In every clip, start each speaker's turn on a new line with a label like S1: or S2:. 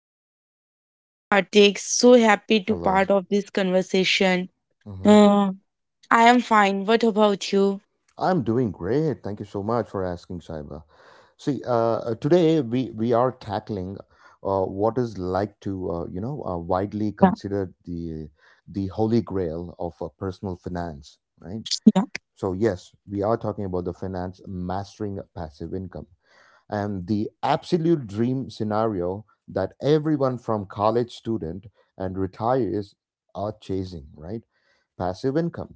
S1: everyone, hey Kartik, so happy to
S2: Hello.
S1: part of this conversation.
S2: Hmm.
S1: Uh, I am fine. What about you?
S2: I'm doing great. Thank you so much for asking, Shaiba. See, today we are tackling what is like to, widely
S1: Yeah,
S2: considered the holy grail of personal finance, right?
S1: yeah.
S2: So yes, we are talking about the finance mastering passive income and the absolute dream scenario that everyone from college student and retirees are chasing, right? Passive income,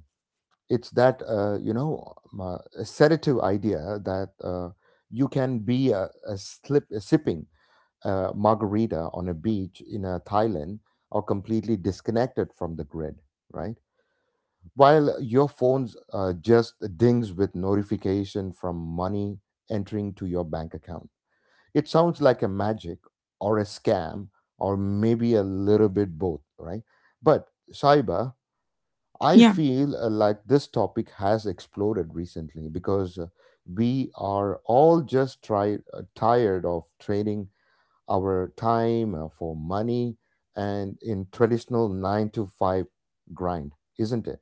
S2: it's that sedative idea that you can be a sipping a margarita on a beach in Thailand or completely disconnected from the grid, right? While your phone's just dings with notification from money entering to your bank account. It sounds like a magic or a scam or maybe a little bit both, right? But Saiba, I
S1: Yeah.
S2: feel like this topic has exploded recently because we are all just tired of trading our time for money and in traditional nine to five grind, isn't it?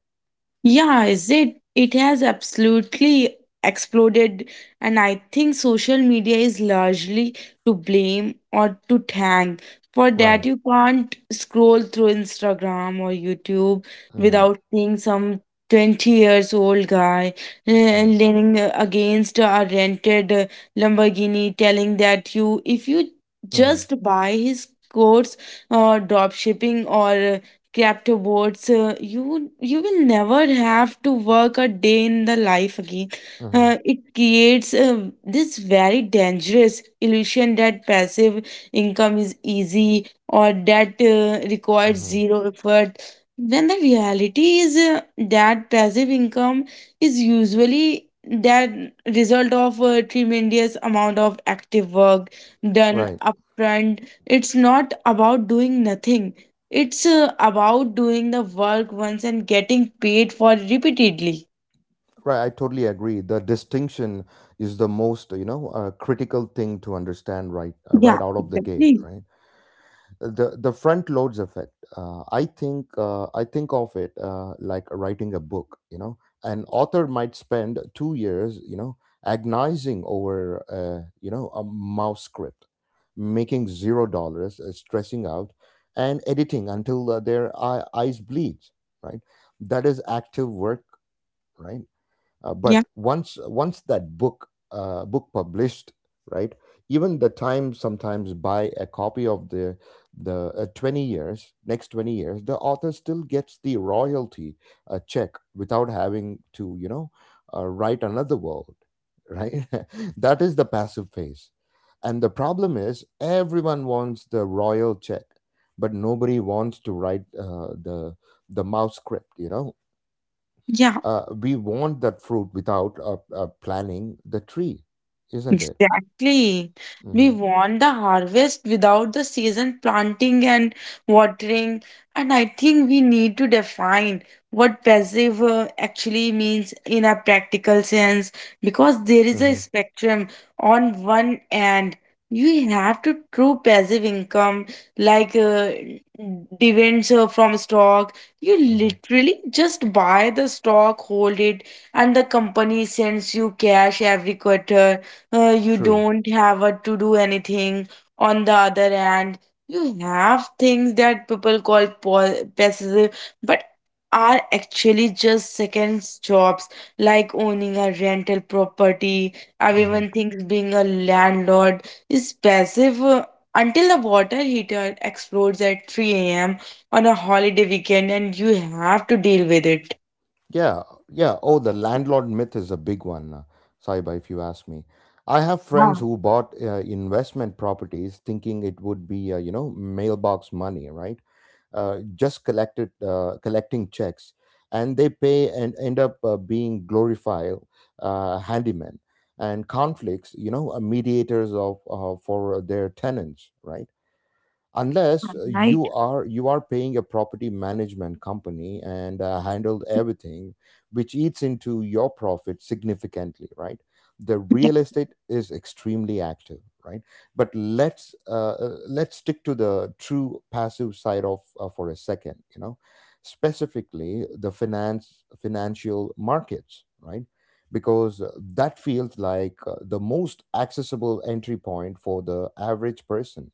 S1: yeah. is it? It has absolutely exploded, and I think social media is largely to blame or to thank for that.
S2: Right.
S1: You can't scroll through Instagram or YouTube
S2: Mm,
S1: without seeing some 20 years old guy
S2: mm,
S1: leaning against a rented Lamborghini, telling that you, if you
S2: mm,
S1: just buy his course or drop shipping or crypto boards, you will never have to work a day in the life again.
S2: mm,
S1: It creates this very dangerous illusion that passive income is easy or that requires
S2: mm.
S1: zero effort, when the reality is that passive income is usually that result of a tremendous amount of active work done
S2: Right,
S1: upfront. It's not about doing nothing, it's about doing the work once and getting paid for it repeatedly.
S2: right. I totally agree. The distinction is the most, critical thing to understand right, right
S1: Yeah,
S2: out of the gate,
S1: exactly.
S2: right? The front loads effect. I think of it like writing a book, you know, an author might spend 2 years, you know, agonizing over a mouse script, making $0, stressing out and editing until eyes bleed, right? That is active work, right.
S1: Yeah,
S2: But once that book book published, right? Even the time sometimes buy a copy of the 20 years, next 20 years, the author still gets the royalty check without having to, you know, write another world, right? That is the passive phase, and the problem is everyone wants the royal check, but nobody wants to write the mouse script, you know.
S1: yeah.
S2: We want that fruit without planning the tree, isn't it?
S1: Exactly. We
S2: Mm-hmm.
S1: want the harvest without the season planting and watering. And I think we need to define what passive actually means in a practical sense, because there is a
S2: Mm-hmm.
S1: spectrum. On one end, you have to true passive income, like dividends from stock. You
S2: Mm-hmm.
S1: literally just buy the stock, hold it, and the company sends you cash every quarter. You
S2: True.
S1: don't have a to do anything. On the other hand, you have things that people call passive, but are actually just second jobs, like owning a rental property.
S2: Mhm.
S1: Everyone thinks being a landlord is passive, until the water heater explodes at 3 a.m on a holiday weekend and you have to deal with it.
S2: Yeah, yeah. Oh, the landlord myth is a big one, Saiba, if you ask me. I have friends
S1: Yeah.
S2: who bought investment properties thinking it would be, you know, mailbox money, right? Just collected collecting checks, and they pay and end up being glorified handymen and conflicts, you know, mediators of for their tenants, right? Unless you are paying a property management company and handled everything, which eats into your profit significantly, right? The real estate is extremely active, right. But let's stick to the true passive side of for a second, you know, specifically the finance financial markets, right? Because that feels like the most accessible entry point for the average person.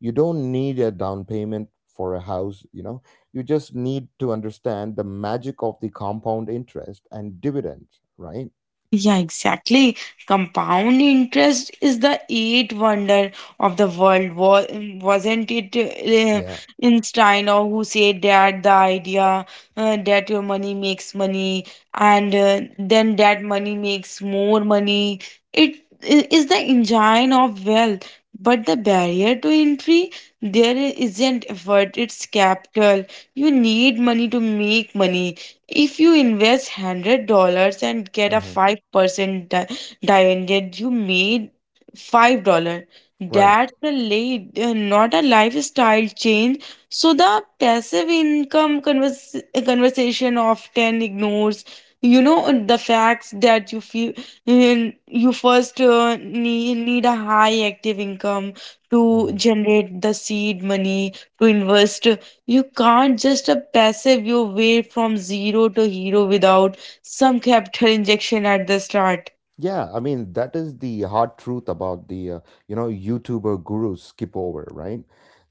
S2: You don't need a down payment for a house, you know, you just need to understand the magic of the compound interest and dividends, right?
S1: Yeah, exactly. Compound interest is the eighth wonder of the world. Wasn't it
S2: Yeah.
S1: Einstein or who said that the idea that your money makes money and then that money makes more money? It is the engine of wealth. But the barrier to entry, there isn't effort, it's capital. You need money to make money. If you invest $100 and get a
S2: Hmm.
S1: 5% dividend, you made $5.
S2: Right.
S1: That's a late, not a lifestyle change. So the passive income conversation often ignores, you know, the facts that you feel, you first need a high active income to
S2: Mm-hmm.
S1: generate the seed money to invest. You can't just a passive your way from zero to hero without some capital injection at the start.
S2: Yeah, I mean that is the hard truth about the you know, YouTuber gurus skip over, right?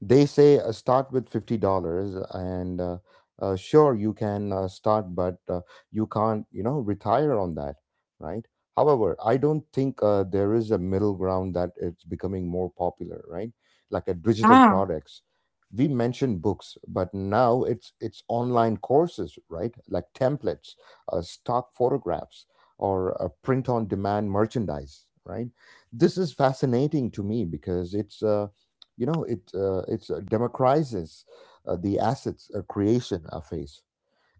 S2: They say start with $50, and sure you can start, but you can't, you know, retire on that, right? However, I don't think there is a middle ground that it's becoming more popular, right? Like a digital
S1: Yeah,
S2: products. We mentioned books, but now it's online courses, right? Like templates, stock photographs or print on demand merchandise, right? This is fascinating to me because it's you know it it's democratizes the assets creation phase.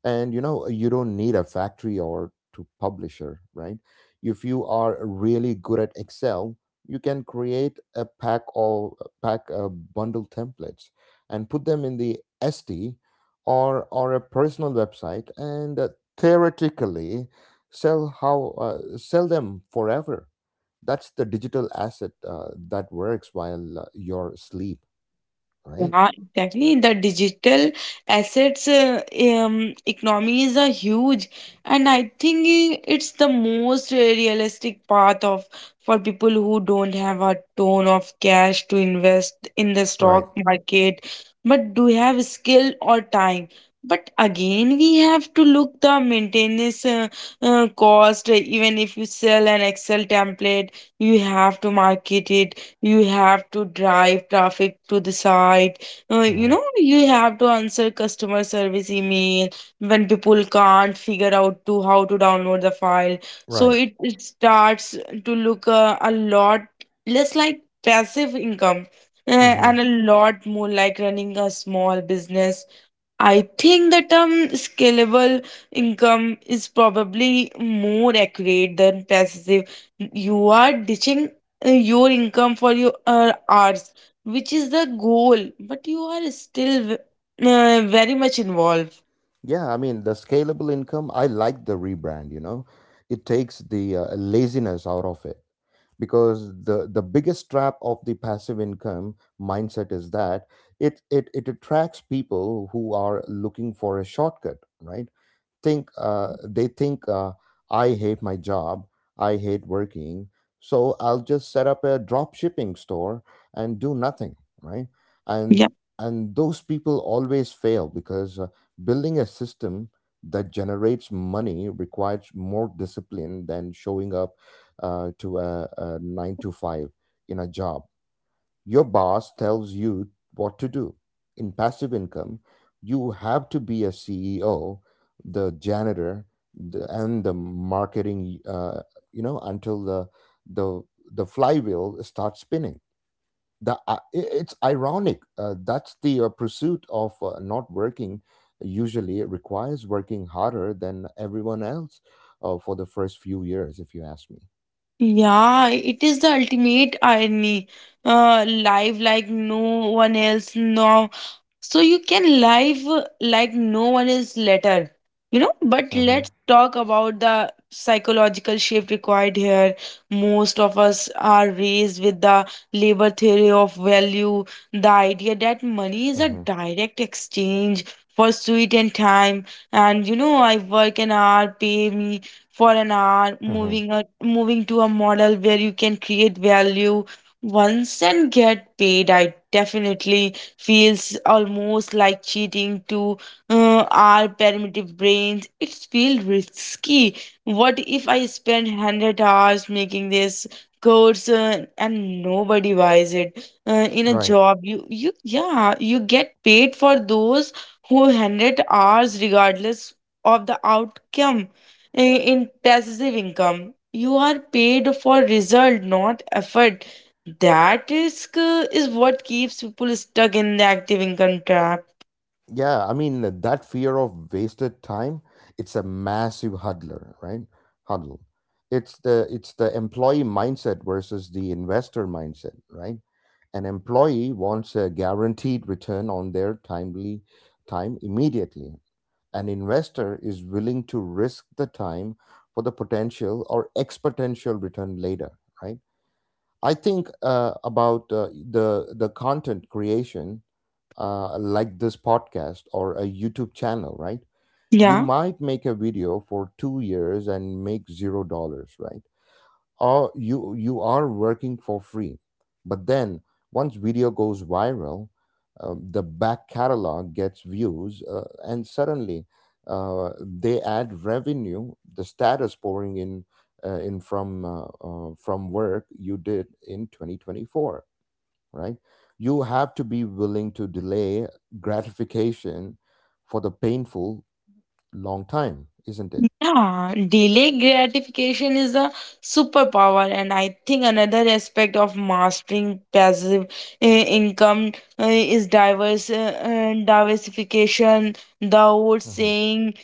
S2: And you know, you don't need a factory or to publisher, right? If you are really good at excel, you can create a pack or pack a bundle templates and put them in the SD or a personal website and theoretically sell them forever. That's the digital asset that works while you're asleep, right?
S1: yeah, exactly. The digital assets economies are huge, and I think it's the most realistic path of for people who don't have a ton of cash to invest in the
S2: Right.
S1: stock market, but do have skill or time. But again, we have to look the maintenance cost. Even if you sell an Excel template, you have to market it, you have to drive traffic to the site. You
S2: Hmm.
S1: know, you have to answer customer service email when people can't figure out to how to download the file. So
S2: Right.
S1: it starts to look a lot less like passive income uh,
S2: Hmm.
S1: and a lot more like running a small business. I think the term scalable income is probably more accurate than passive. You are ditching your income for your hours, which is the goal, but you are still very much involved.
S2: Yeah, I mean, the scalable income, I like the rebrand, you know. It takes the laziness out of it because the biggest trap of the passive income mindset is that it attracts people who are looking for a shortcut, right? think
S1: Yeah,
S2: they think I hate my job, I hate working, so I'll just set up a drop shipping store and do nothing, right? And
S1: yeah,
S2: and those people always fail because building a system that generates money requires more discipline than showing up to a nine to five in a job your boss tells you what to do. In passive income, you have to be a CEO, the janitor, the, and the marketing. You know, until the the flywheel starts spinning. It's ironic. That's the pursuit of not working. Usually, it requires working harder than everyone else for the first few years, if you ask me.
S1: Yeah, it is the ultimate irony. Live like no one else now, so you can live like no one is later, you know. But
S2: Mm-hmm.
S1: let's talk about the psychological shift required here. Most of us are raised with the labor theory of value, the idea that money is a
S2: Mm-hmm.
S1: direct exchange for sweet and time. And you know, I work an hour, pay me for an hour.
S2: Mm-hmm.
S1: Moving to a model where you can create value once and get paid. I definitely feels almost like cheating to our primitive brains. It feels risky. What if I spend 100 hours making this course and nobody buys it? In a
S2: Right.
S1: job, yeah, you get paid for those who 100 hours regardless of the outcome. In passive income, you are paid for result, not effort. That risk is what keeps people stuck in the active income trap.
S2: Yeah, I mean that fear of wasted time, it's a massive huddler, right? Huddle. It's the employee mindset versus the investor mindset, right? An employee wants a guaranteed return on their time immediately. An investor is willing to risk the time for the potential or exponential return later, right? I think about the content creation, like this podcast or a YouTube channel, right? You
S1: Yeah.
S2: might make a video for 2 years and make $0, right? Or you are working for free, but then once video goes viral, the back catalog gets views, and suddenly they add revenue. The status pouring in from from work you did in 2024, right? You have to be willing to delay gratification for the painful long time, isn't it?
S1: Yeah, delay gratification is a superpower, and I think another aspect of mastering passive income is diverse diversification. The old
S2: Hmm.
S1: saying,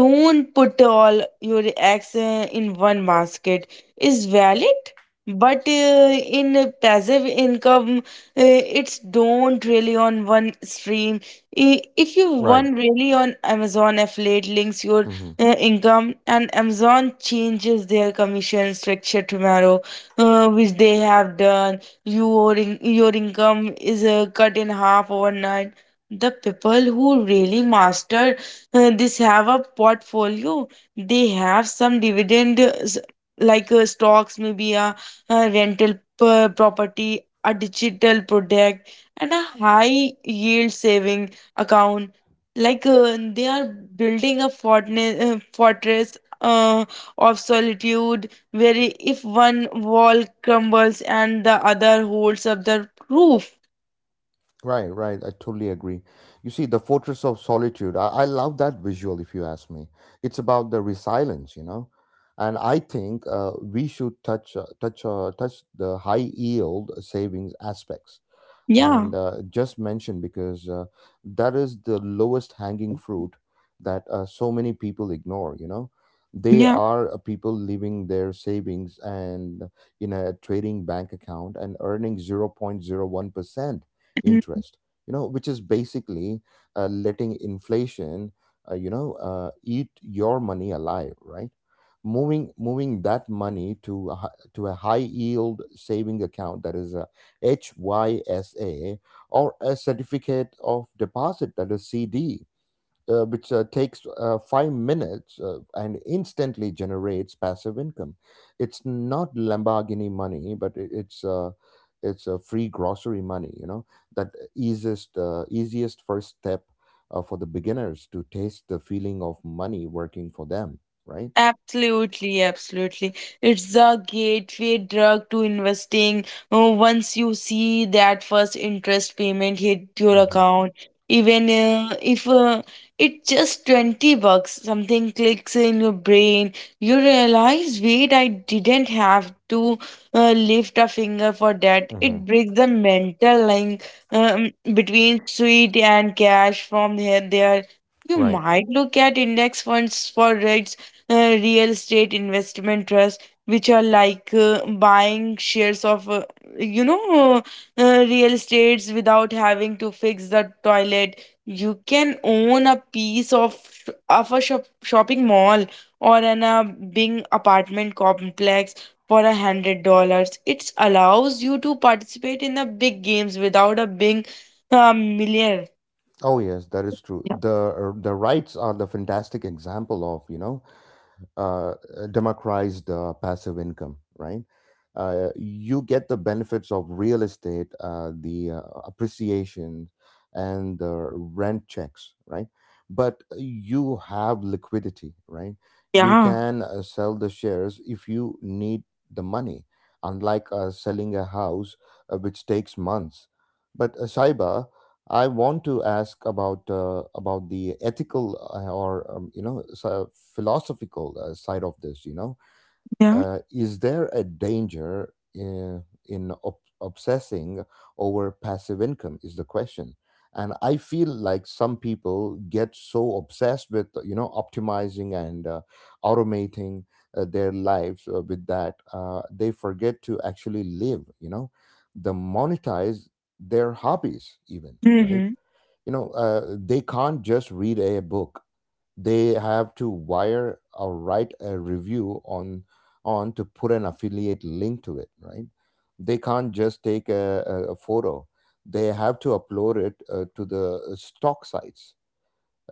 S1: "Don't put all your eggs in one basket," is valid. But in passive income, it's don't really on one stream. If you
S2: Right.
S1: one really on Amazon affiliate links, your
S2: Hmm.
S1: income, and amazon changes their commission structure tomorrow, which they have done, your income is cut in half overnight. The people who really master this have a portfolio. They have some dividend like stocks, maybe a rental property, a digital product and a high yield saving account. They are building a fortress of solitude, where if one wall crumbles and the other holds up the roof.
S2: Right, right. I totally agree. You see, the fortress of solitude, I love that visual, if you ask me. It's about the resilience, you know? And I think we should touch touch touch the high yield savings aspects
S1: yeah
S2: and just mention because that is the lowest hanging fruit that so many people ignore, you know. They
S1: yeah
S2: are people leaving their savings and in a trading bank account and earning 0.01% interest, you know, which is basically letting inflation eat your money alive, right? Moving that money to a high yield saving account, that is HYSA, or a certificate of deposit, that is CD, which takes 5 minutes and instantly generates passive income. It's not Lamborghini money, but it's free grocery money. You know, that easiest first step for the beginners to taste the feeling of money working for them. Right.
S1: Absolutely, absolutely. It's the gateway drug to investing. Once you see that first interest payment hit your
S2: Mm-hmm.
S1: account, even if it's just 20 bucks, something clicks in your brain. You realize, wait, I didn't have to lift a finger for that.
S2: Mm-hmm.
S1: It breaks the mental link between sweet and cash from here, there. You
S2: Right.
S1: might look at index funds for rates, uh, real estate investment trust, which are like buying shares of you know uh, real estates without having to fix the toilet. You can own a piece of of a shop, shopping mall or an a big apartment complex for $100. It allows you to participate in the big games without a being a millionaire.
S2: Oh yes, that is true.
S1: Yeah,
S2: The rights are the fantastic example of, you know, uh, democratized passive income, right? You get the benefits of real estate, the appreciation, and the rent checks, right? But you have liquidity, right? You
S1: yeah.
S2: can sell the shares if you need the money, unlike selling a house, which takes months. But Saiba, I want to ask about the ethical or you know so philosophical side of this. You know,
S1: Yeah.
S2: is there a danger in obsessing over passive income? Is the question, and I feel like some people get so obsessed with, you know, optimizing and automating their lives with that they forget to actually live. You know, the monetize their hobbies even, right?
S1: Mm-hmm.
S2: You know, they can't just read a book, they have to wire or write a review on to put an affiliate link to it, right? They can't just take a photo, they have to upload it to the stock sites.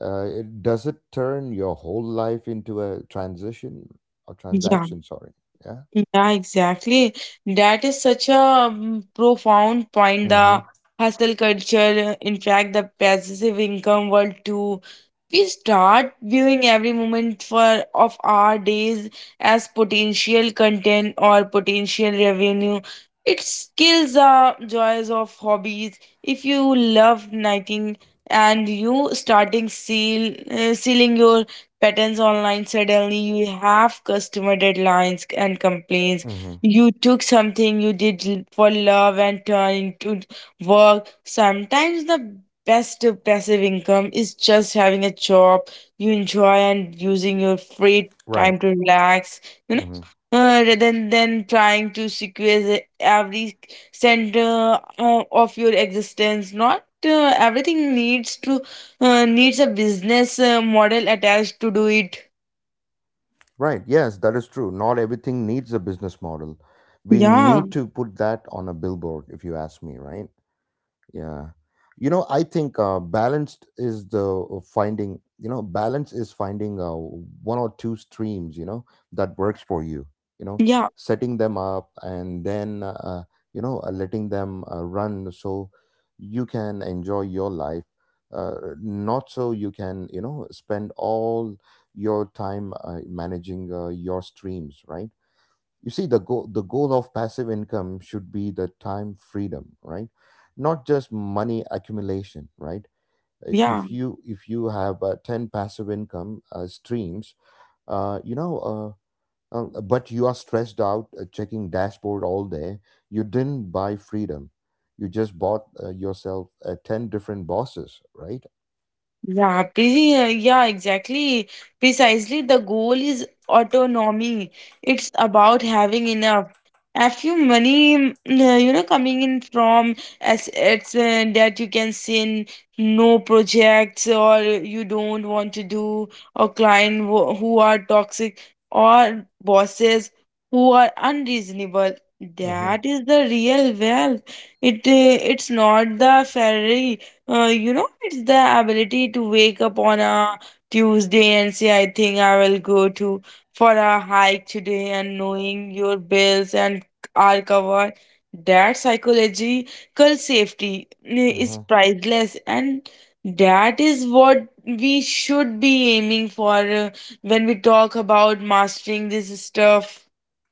S2: Does it turn your whole life into a transition or
S1: Yeah.
S2: transaction, sorry? Yeah.
S1: Yeah, exactly. That is such a profound point.
S2: Mm-hmm,
S1: The hustle culture, in fact, the passive income world too. We start viewing every moment for of our days as potential content or potential revenue. It kills the joys of hobbies. If you love knitting and you starting sealing your patterns online, suddenly you have customer deadlines and complaints.
S2: mm-hmm.
S1: You took something you did for love and turned into work. Sometimes the best passive income is just having a job you enjoy and using your free
S2: Right.
S1: time to relax, you know,
S2: Mhm.
S1: uh, rather than, trying to secure every center of your existence. Not everything needs to needs a business model attached to do it.
S2: Right. Yes, that is true. Not everything needs a business model. We
S1: Yeah,
S2: need to put that on a billboard, if you ask me, right? yeah you know I think balanced is the finding. You know, balance is finding one or two streams, you know, that works for you. You know,
S1: yeah,
S2: setting them up and then, letting them run, so you can enjoy your life. uh, Not so you can, you know, spend all your time managing your streams, right? You see, the goal of passive income should be the time freedom, right? Not just money accumulation, right?
S1: yeah.
S2: If you, if you have 10 passive income streams, uh, you know uh, but you are stressed out checking dashboard all day, you didn't buy freedom, you just bought yourself 10 different bosses, right?
S1: Yeah, busy. Yeah, exactly. Precisely, the goal is autonomy. It's about having enough. A few money, you know, coming in from assets that you can send no projects or you don't want to do, or client who are toxic, or bosses who are unreasonable. That is the real wealth. It's not the Ferrari. You know, it's the ability to wake up on a Tuesday and say, I think I will go to for a hike today, and knowing your bills and are covered. That psychological safety, is
S2: Mm-hmm.
S1: priceless, and that is what we should be aiming for when we talk about mastering this stuff.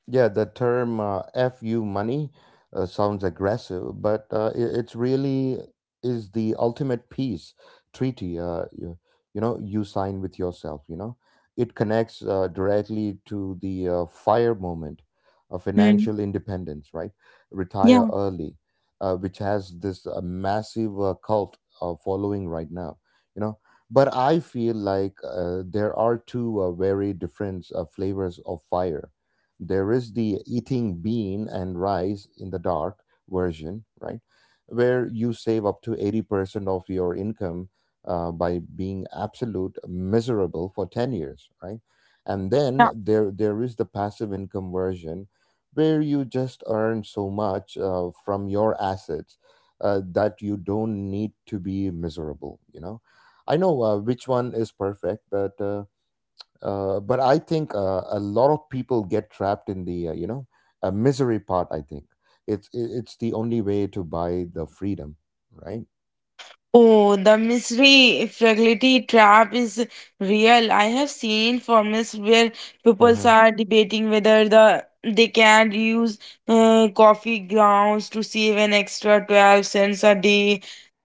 S2: Yeah, the term "fu money" sounds aggressive, but it's really is the ultimate peace treaty. You sign with yourself. You know, it connects directly to the fire movement,
S1: Hmm.
S2: financial independence, right? Retire
S1: Yeah.
S2: early, which has this massive cult following right now. You know, but I feel like there are two very different flavors of fire. There is the eating bean and rice in the dark version, right? Where you save up to 80% of your income by being absolute miserable for 10 years, right? And then there is the passive income version, where you just earn so much from your assets that you don't need to be miserable, you know? I know which one is perfect, but I think a lot of people get trapped in the misery part. I think it's the only way to buy the freedom, right?
S1: Oh, the mystery fragility trap is real. I have seen forums where people
S2: Mm-hmm.
S1: are debating whether the they can use coffee grounds to save an extra 12 cents a day.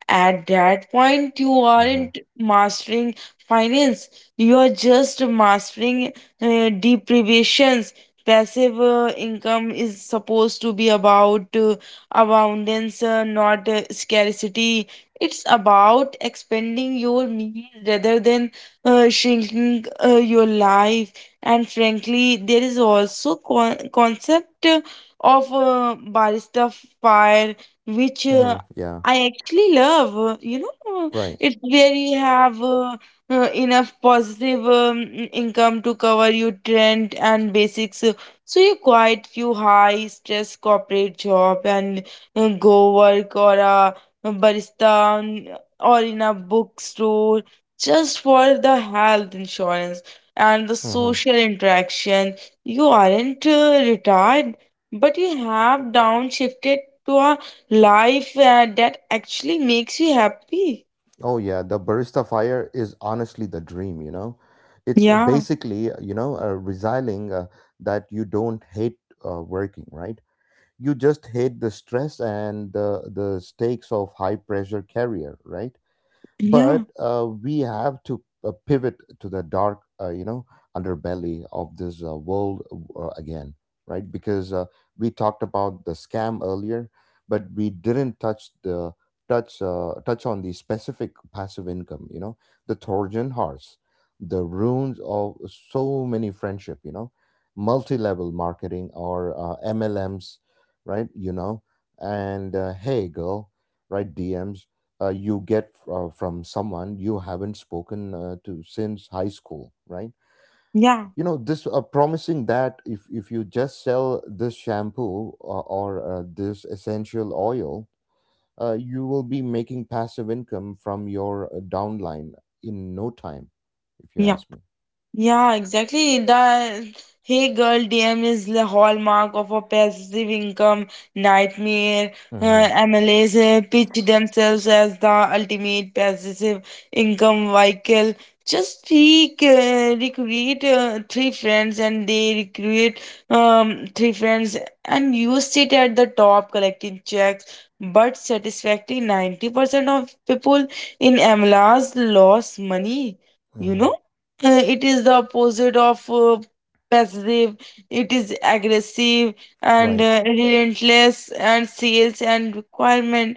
S1: At that point, you
S2: Mm-hmm.
S1: aren't mastering finance, you are just mastering deprivations. Passive income is supposed to be about abundance, not scarcity. It's about expanding your means rather than shrinking your life. And frankly, there is also concept of barista fire, which
S2: Yeah,
S1: I actually love, you know,
S2: right.
S1: it's where you have enough positive income to cover your rent and basics. So you quit your high stress corporate job and go work or a barista, or in a bookstore, just for the health insurance and the
S2: Mm-hmm.
S1: social interaction. You aren't retired, but you have downshifted to a life that actually makes you happy.
S2: Oh yeah, the barista fire is honestly the dream. You know, it's
S1: Yeah,
S2: basically, resigning that you don't hate working, right? You just hate the stress and the stakes of high pressure career, right?
S1: yeah,
S2: But we have to pivot to the dark, you know, underbelly of this world again, right? Because we talked about the scam earlier, but we didn't touch the touch touch on the specific passive income, you know, the trojan horse, the ruins of so many friendship, you know, multi-level marketing, or mlms, right? You know, and hey girl, right, dms you get from someone you haven't spoken to since high school, right?
S1: yeah,
S2: You know, this promising that, if you just sell this shampoo, or this essential oil, you will be making passive income from your downline in no time, if you
S1: yeah.
S2: ask me.
S1: Yeah, exactly. The Hey Girl DM is the hallmark of a passive income nightmare.
S2: Mm-hmm.
S1: Uh, MLAs pitch themselves as the ultimate passive income vehicle. Just recreate three friends and they recreate three friends, and you sit at the top collecting checks. But satisfactory 90% of people in MLAs lost money, you
S2: Mm-hmm.
S1: know? It is the opposite of passive. It is aggressive and
S2: Right.
S1: relentless and sales and requirement.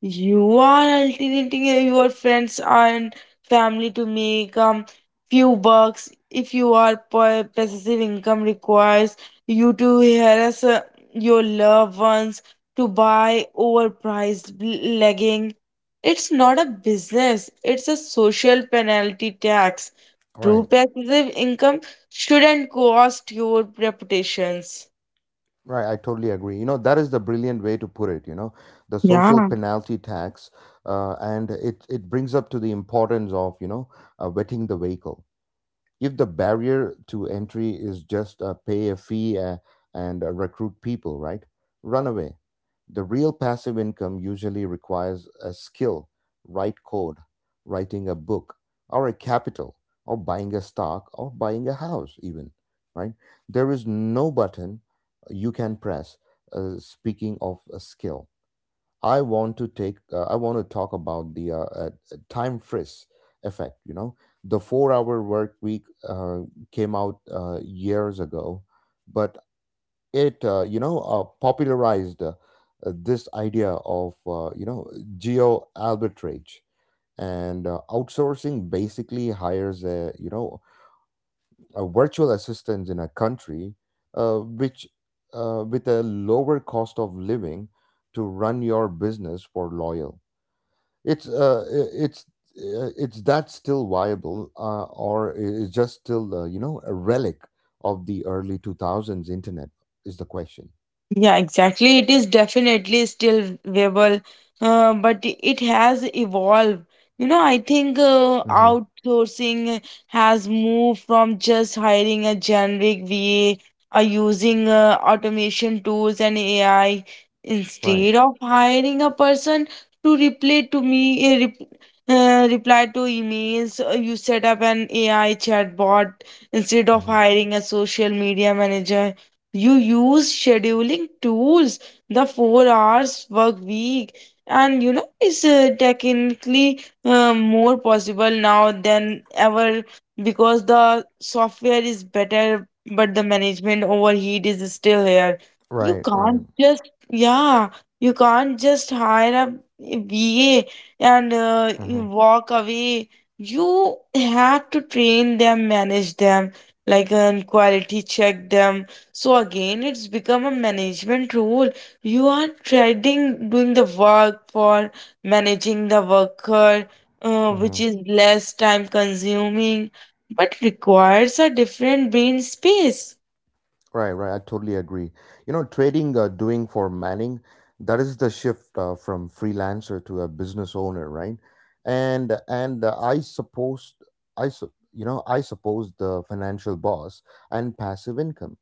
S1: You are alternating your friends and family to make few bucks. If you are pa- passive income requires you to harass your loved ones to buy overpriced legging. It's not a business. It's a social penalty tax. True
S2: Right.
S1: passive income shouldn't cost your reputations.
S2: Right, I totally agree. You know, that is the brilliant way to put it, you know, the social
S1: Yeah.
S2: penalty tax. And it brings up to the importance of, you know, wetting the vehicle. If the barrier to entry is just pay a fee and recruit people, right? Run away. The real passive income usually requires a skill, write code, writing a book, or a capital, or buying a stock, or buying a house, even, right? There is no button you can press. Speaking of a skill, I want to take. I want to talk about the time frizz effect. You know, the four-hour work week came out years ago, but it, popularized, this idea of, you know, geo arbitrage and outsourcing, basically hires a, you know, a virtual assistant in a country which with a lower cost of living to run your business for loyal. it's uh, it's it's that still viable or is just still, you know, a relic of the early 2000s internet is the question.
S1: Yeah, exactly. It is definitely still viable, but it has evolved. You know, I think
S2: hmm
S1: outsourcing has moved from just hiring a generic VA or using automation tools and AI
S2: right.
S1: instead of hiring a person to reply to me, reply to emails. You set up an AI chatbot instead of
S2: hmm
S1: hiring a social media manager, you use scheduling tools. The four hours work week, and you know, it's technically more possible now than ever because the software is better, but the management overheat is still here. You
S2: right. Right.
S1: can't just, yeah, you can't just hire a VA and you
S2: hmm
S1: walk away. You have to train them, manage them, like, and quality check them, so again, it's become a management role. You are trading doing the work for managing the worker, which
S2: hmm
S1: is less time consuming, but requires a different brain space.
S2: right. Right, I totally agree. You know, trading doing for manning, that is the shift from freelancer to a business owner, right? And I suppose, I su- you know I suppose, the financial boss and passive income.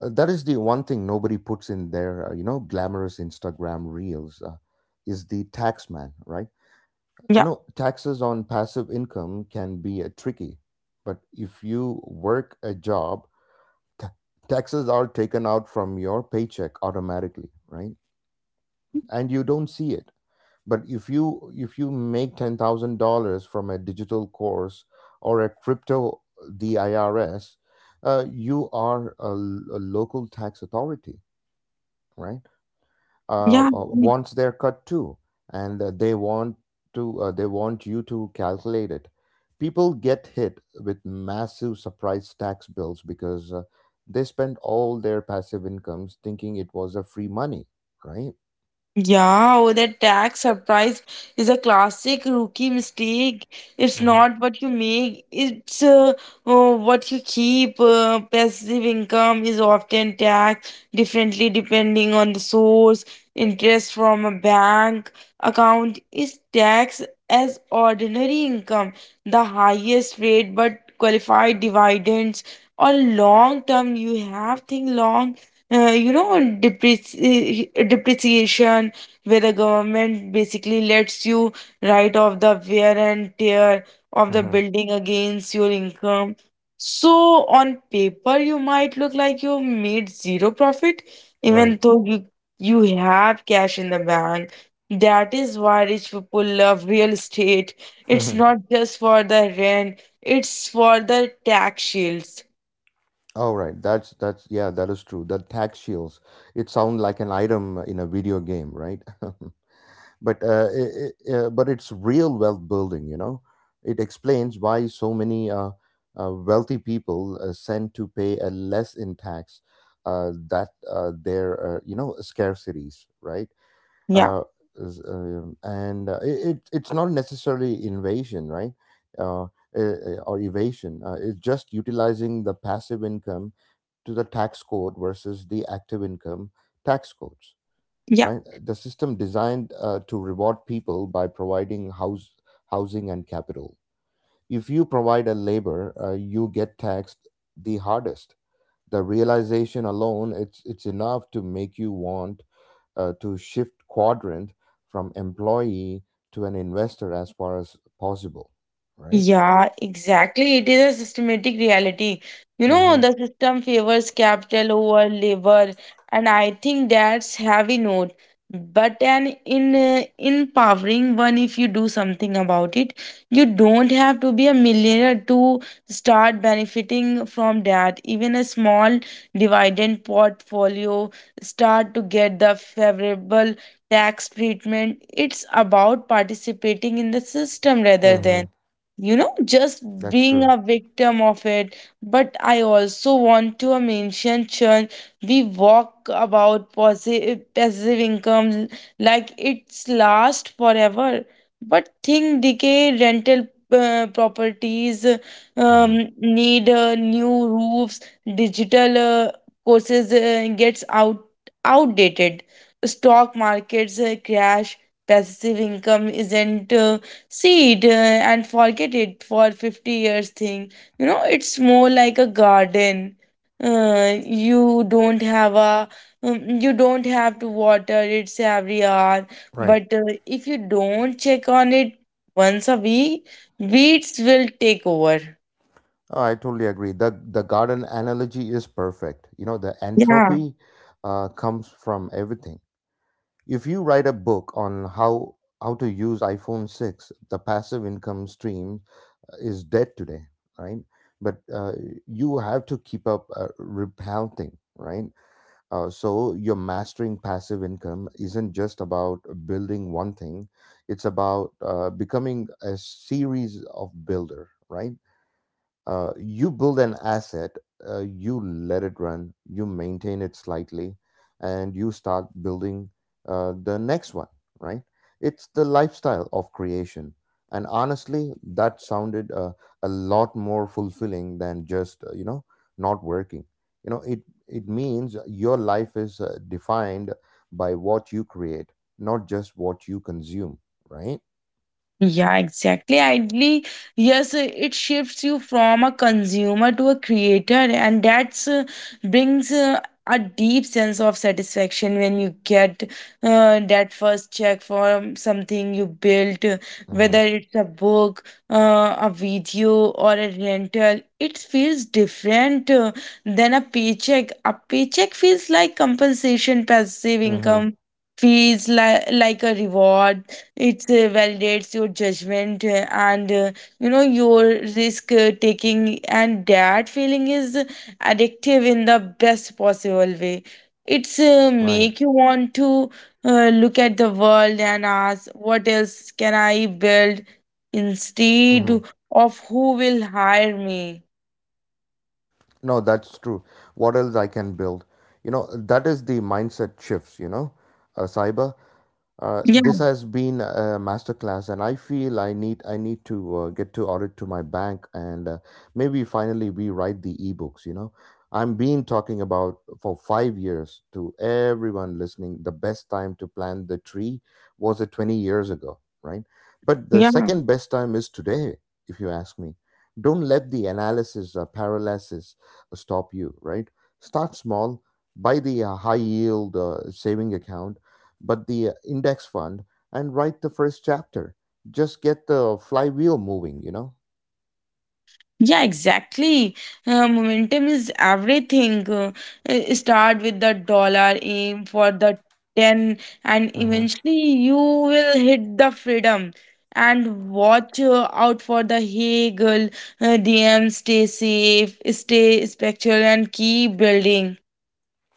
S2: That is the one thing nobody puts in their, glamorous Instagram reels, is the tax man, right? You
S1: Yeah.
S2: know, taxes on passive income can be tricky, but if you work a job, ta taxes are taken out from your paycheck automatically, right? And you don't see it. But if you make $10,000 from a digital course or a crypto, the IRS, you are a, a local tax authority, right?
S1: Yeah.
S2: Wants their cut too, and they want to, they want you to calculate it. People get hit with massive surprise tax bills because they spend all their passive incomes thinking it was a free money, right?
S1: Yeah, oh, that tax surprise is a classic rookie mistake. It's not what you make, it's what you keep. Passive income is often taxed differently depending on the source. Interest from a bank account is taxed as ordinary income, the highest rate, but qualified dividends or long term. You have think long, depreciation, where the government basically lets you write off the wear and tear of the
S2: Mm-hmm.
S1: building against your income. So, on paper, you might look like you made zero profit,
S2: Right.
S1: even though you have cash in the bank. That is why rich people love real estate. It's
S2: Mm-hmm.
S1: not just for the rent, it's for the tax shields.
S2: All right, that is true. The tax shields. It sounds like an item in a video game, right? But I but it's real wealth building, you know. It explains why so many, wealthy people send to pay a less in tax that their, you know, scarcities, right?
S1: Yeah.
S2: uh, is, and it's not necessarily invasion, right? uh, or evasion, it's just utilizing the passive income to the tax code versus the active income tax codes.
S1: Yeah.
S2: Right? The system designed to reward people by providing housing and capital. If you provide a labor, you get taxed the hardest. The realization alone, it's enough to make you want to shift quadrant from employee to an investor as far as possible, right?
S1: Yeah, exactly. It is a systematic reality. You know,
S2: Mm-hmm.
S1: the system favors capital over labor, and I think that's heavy note, but an in empowering one if you do something about it. You don't have to be a millionaire to start benefiting from that. Even a small dividend portfolio start to get the favorable tax treatment. It's about participating in the system rather
S2: Mm-hmm.
S1: than, you know, just
S2: That's
S1: being
S2: true.
S1: a victim of it. But I also want to mention, Churn, we walk about passive income like it's last forever. But think decay, rental properties
S2: Mm-hmm.
S1: need new roofs, digital courses gets out outdated, stock markets crash, passive income isn't. See it and forget it for 50 years thing. You know, it's more like a garden. You don't have a, you don't have to water it every hour,
S2: Right.
S1: but if you don't check on it once a week, weeds will take over.
S2: Oh, I totally agree. The garden analogy is perfect. You know, the
S1: Yeah.
S2: entropy comes from everything. If you write a book on how to use iPhone six, the passive income stream is dead today, right? But you have to keep up repelling, right? So your mastering passive income isn't just about building one thing; it's about becoming a series of builder, right? You build an asset, you let it run, you maintain it slightly, and you start building the next one, right? It's the lifestyle of creation. And honestly, that sounded a lot more fulfilling than just, not working. You know, it means your life is defined by what you create, not just what you consume, right?
S1: Yeah, exactly. Ideally, yes, it shifts you from a consumer to a creator, and that's brings a deep sense of satisfaction when you get that first check for something you built,
S2: Mm-hmm.
S1: whether it's a book, a video, or a rental. It feels different than a paycheck. A paycheck feels like compensation, passive
S2: Mm-hmm.
S1: income feels like a reward. It validates your judgment and you know, your risk taking, and that feeling is addictive in the best possible way. It's
S2: Right.
S1: make you want to look at the world and ask, what else can I build instead
S2: Mhm.
S1: of who will hire me?
S2: No, that's true. What else I can build? You know, that is the mindset shifts, you know, cyber.
S1: Yeah.
S2: This has been a masterclass, and I feel I need to get to audit to my bank and maybe finally rewrite the ebooks. You know, I'm been talking about for 5 years to everyone listening. The best time to plant the tree was 20 years ago, right? But the
S1: Yeah.
S2: second best time is today, if you ask me. Don't let the analysis or paralysis stop you, right? Start small. Buy the high yield saving account, but the index fund, and write the first chapter. Just get the flywheel moving, you know?
S1: Yeah, exactly. Momentum is everything. Start with the dollar, aim for the 10, and
S2: hmm
S1: eventually you will hit the freedom. And watch out for the Hegel, DM, stay safe, stay spiritual, and keep building.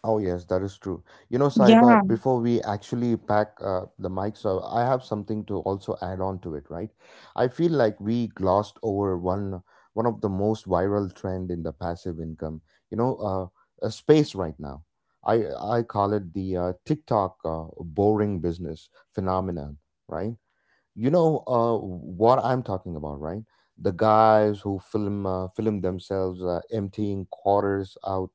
S2: Oh, yes, that is true. You know, Saiba,
S1: Yeah.
S2: before we actually pack the mic, so I have something to also add on to it, right? I feel like we glossed over one of the most viral trend in the passive income, you know, uh, a space right now. I I call it the TikTok boring business phenomenon, right? You know what I'm talking about, right? The guys who film themselves emptying quarters out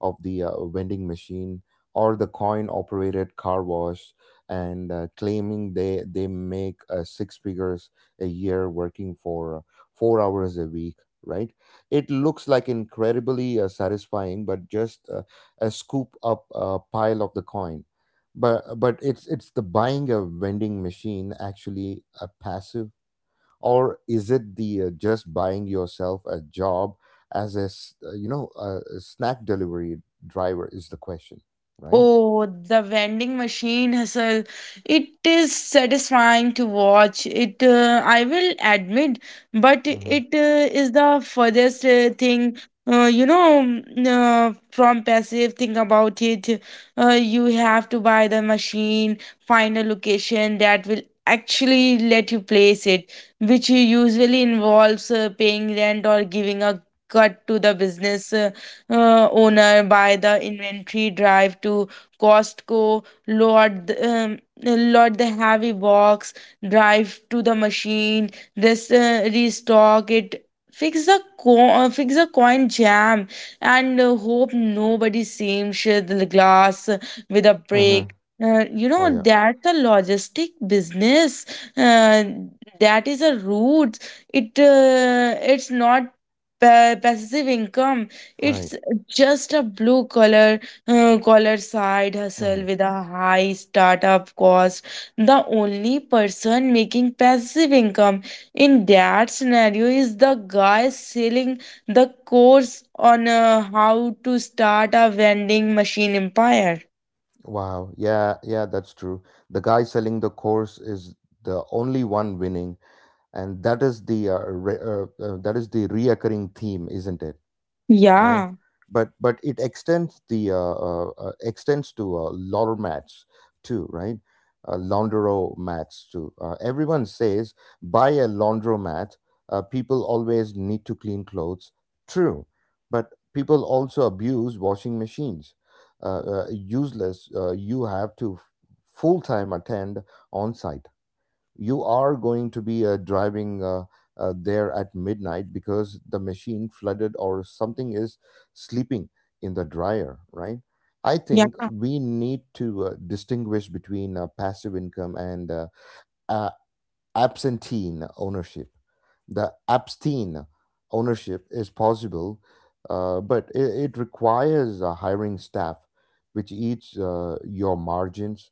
S2: of the vending machine or the coin operated car wash, and claiming they make six figures a year working for 4 hours a week, right? It looks like incredibly satisfying, but just a scoop up a pile of the coin. But it's the buying a vending machine actually a passive, or is it the, just buying yourself a job as a s- you know a snack delivery driver, is the question, right?
S1: Oh, the vending machine hustle. It is satisfying to watch. I will admit, but
S2: Mm-hmm.
S1: it is the furthest thing, from passive. Think about it. Uh, you have to buy the machine, find a location that will actually let you place it, which usually involves paying rent or giving a cut to the business. Owner by the inventory drive to Costco, load the heavy box, drive to the machine, restock it, fix the coin jam, and hope nobody seams the glass with a
S2: Mm-hmm.
S1: break. You
S2: Oh
S1: know,
S2: yeah.
S1: that's a logistic business. Uh, that is a route. It's not passive income, it's
S2: Right.
S1: just a blue collar side
S2: Mm-hmm.
S1: hustle with a high startup cost. The only person making passive income in that scenario is the guy selling the course on how to start a vending machine empire.
S2: Wow, yeah, yeah, that's true. The guy selling the course is the only one winning, and that is the that is the reoccurring theme, isn't it, right?
S1: Yeah.
S2: But it extends the extends to lauder mats too, right? Laundro mats too. Everyone says buy a laundromat. People always need to clean clothes. True, but people also abuse washing machines. Useless. You have to full time attend on site. You are going to be driving there at midnight because the machine flooded, or something is sleeping in the dryer, right? I think
S1: Yeah.
S2: we need to distinguish between passive income and, uh, absentine ownership. The abstain ownership is possible, but it requires hiring staff, which eats your margins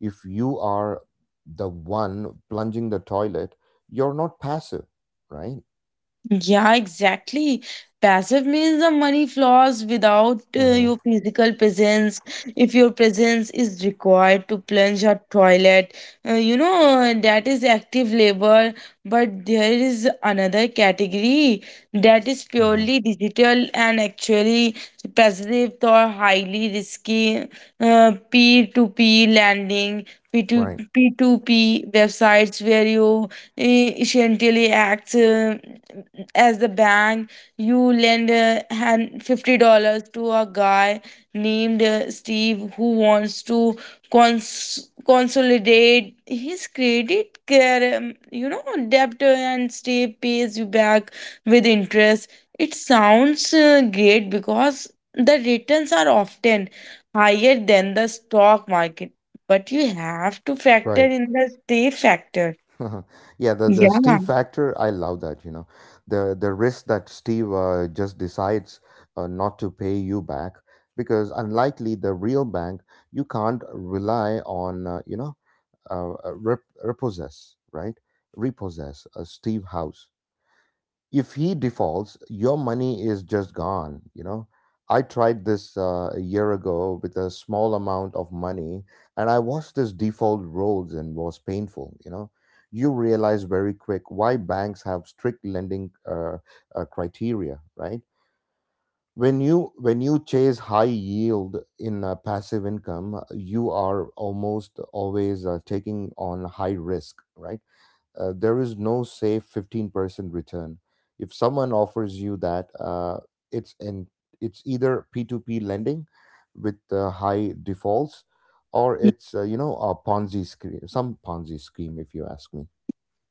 S2: if you are the one plunging the toilet, you're not passive, right?
S1: Yeah, exactly. Passive means the money flows without your
S2: Hmm.
S1: physical presence. If your presence is required to plunge a toilet, you know, that is active labor. But there is another category that is
S2: Hmm.
S1: purely digital and actually passive or highly risky, peer-to-peer lending,
S2: Right,
S1: P2P websites where you essentially act as the bank. You lend hand $50 to a guy named Steve who wants to consolidate his credit care, you know, debt, and Steve pays you back with interest. It sounds great because the returns are often higher than the stock market, but you have to factor
S2: right.
S1: in the Steve factor.
S2: Yeah, the
S1: Yeah.
S2: Steve factor, I love that. The risk that Steve just decides not to pay you back because unlikely the real bank, you can't rely on, repossess, right? Repossess a Steve house if he defaults, your money is just gone. I tried this a year ago with a small amount of money, and I watched this default rolls and was painful. You realize very quick why banks have strict lending criteria, right? When you chase high yield in passive income, you are almost always taking on high risk, right? There is no safe 15% return if someone offers you that, it's in it's either P2P lending with high defaults, or it's a Ponzi scheme, some Ponzi scheme, if you ask me.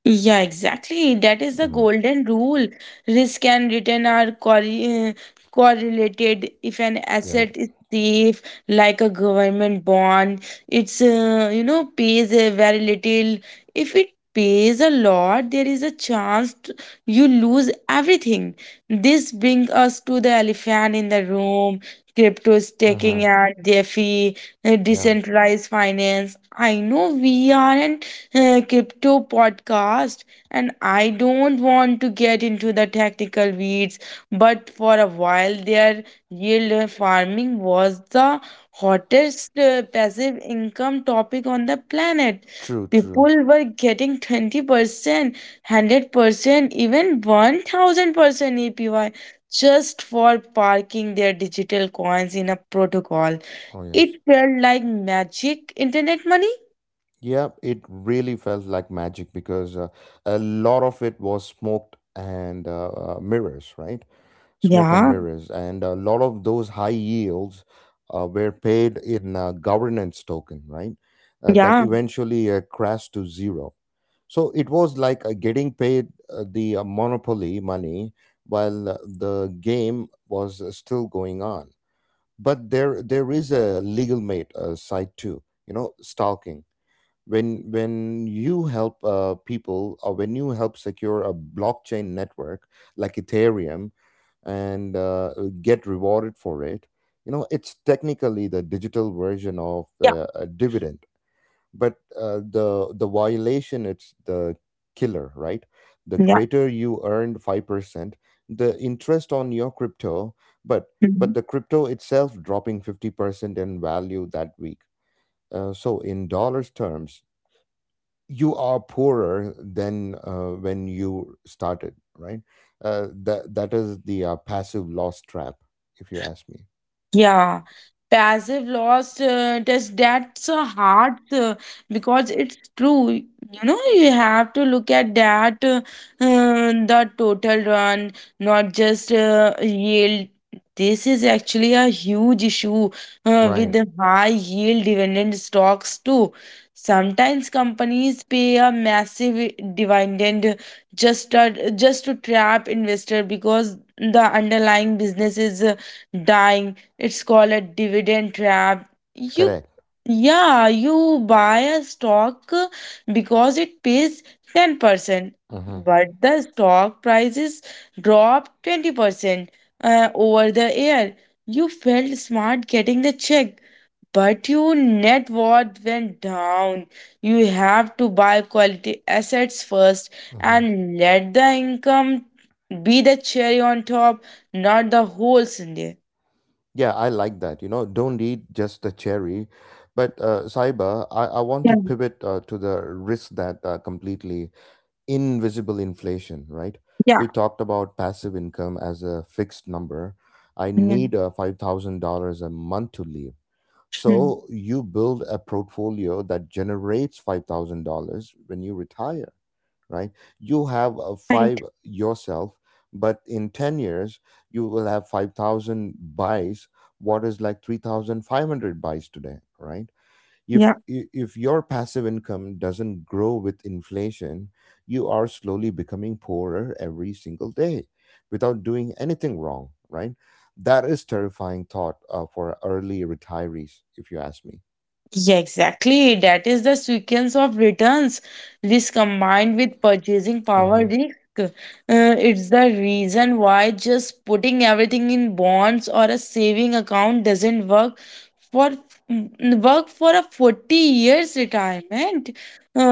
S1: Yeah, exactly. That is the
S2: Hmm.
S1: golden rule. Risk and return are correlated. If an
S2: Yeah.
S1: asset is safe, like a government bond, it's pays very little. If it pays a lot, there is a chance you lose everything. This brings us to the elephant in the room. Crypto
S2: Hmm.
S1: staking and DeFi,
S2: Yeah.
S1: decentralized finance. I know we are an crypto podcast, and I don't want to get into the technical weeds, but for a while there, yield farming was the hottest passive income topic on the planet.
S2: True, true.
S1: People were getting 20%, 100%, even 1000% apy just for parking their digital coins in a protocol.
S2: Oh
S1: It
S2: yes.
S1: felt like magic internet money.
S2: Yeah, it really felt like magic because a lot of it was smoke and
S1: Yeah.
S2: mirrors, and a lot of those high yields were paid in governance token, right? That
S1: Yeah.
S2: eventually crashed to zero. So it was like getting paid the monopoly money while the game was still going on. But there is a legal mate side too, you know, stalking. When you help people, or when you help secure a blockchain network like Ethereum and get rewarded for it. You know, it's technically the digital version of a dividend, but the violation, it's the killer, right? The
S1: Yeah.
S2: greater you earned 5%, the interest on your crypto, but
S1: Mhm.
S2: the crypto itself dropping 50% in value that week. So in dollars terms, you are poorer than when you started, right? That is the passive loss trap, if you ask me.
S1: Yeah, passive loss test, that's a hard because it's true. You know, you have to look at that the total run, not just yield. This is actually a huge issue with
S2: Right.
S1: the high yield dividend stocks too. Sometimes companies pay a massive dividend just to trap investor because the underlying business is dying. It's called a dividend trap. You,
S2: Correct.
S1: yeah, you buy a stock because it pays 10%,
S2: Hmm.
S1: but the stock prices drop 20% over the year. You felt smart getting the check, but your net worth went down. You have to buy quality assets first
S2: Hmm.
S1: and let the income be the cherry on top, not the whole sundae.
S2: Yeah, I like that. Don't eat just the cherry. But Saiba, I want
S1: Yeah.
S2: to pivot to the risk that completely invisible inflation, right?
S1: Yeah.
S2: We talked about passive income as a fixed number. I
S1: Yeah.
S2: need $5,000 a month to live.
S1: Hmm.
S2: So you build a portfolio that generates $5,000 when you retire, right? You have a five
S1: Right.
S2: yourself, but in 10 years, you will have 5,000 buys, what is like 3,500 buys today, right? if
S1: Yeah.
S2: i- if your passive income doesn't grow with inflation, you are slowly becoming poorer every single day without doing anything wrong, right? That is terrifying thought for early retirees, if you ask me.
S1: Yeah, exactly. That is the sequence of returns. Risk combined with purchasing power
S2: Hmm.
S1: risk. It's the reason why just putting everything in bonds or a saving account doesn't work for, work for a 40 years retirement.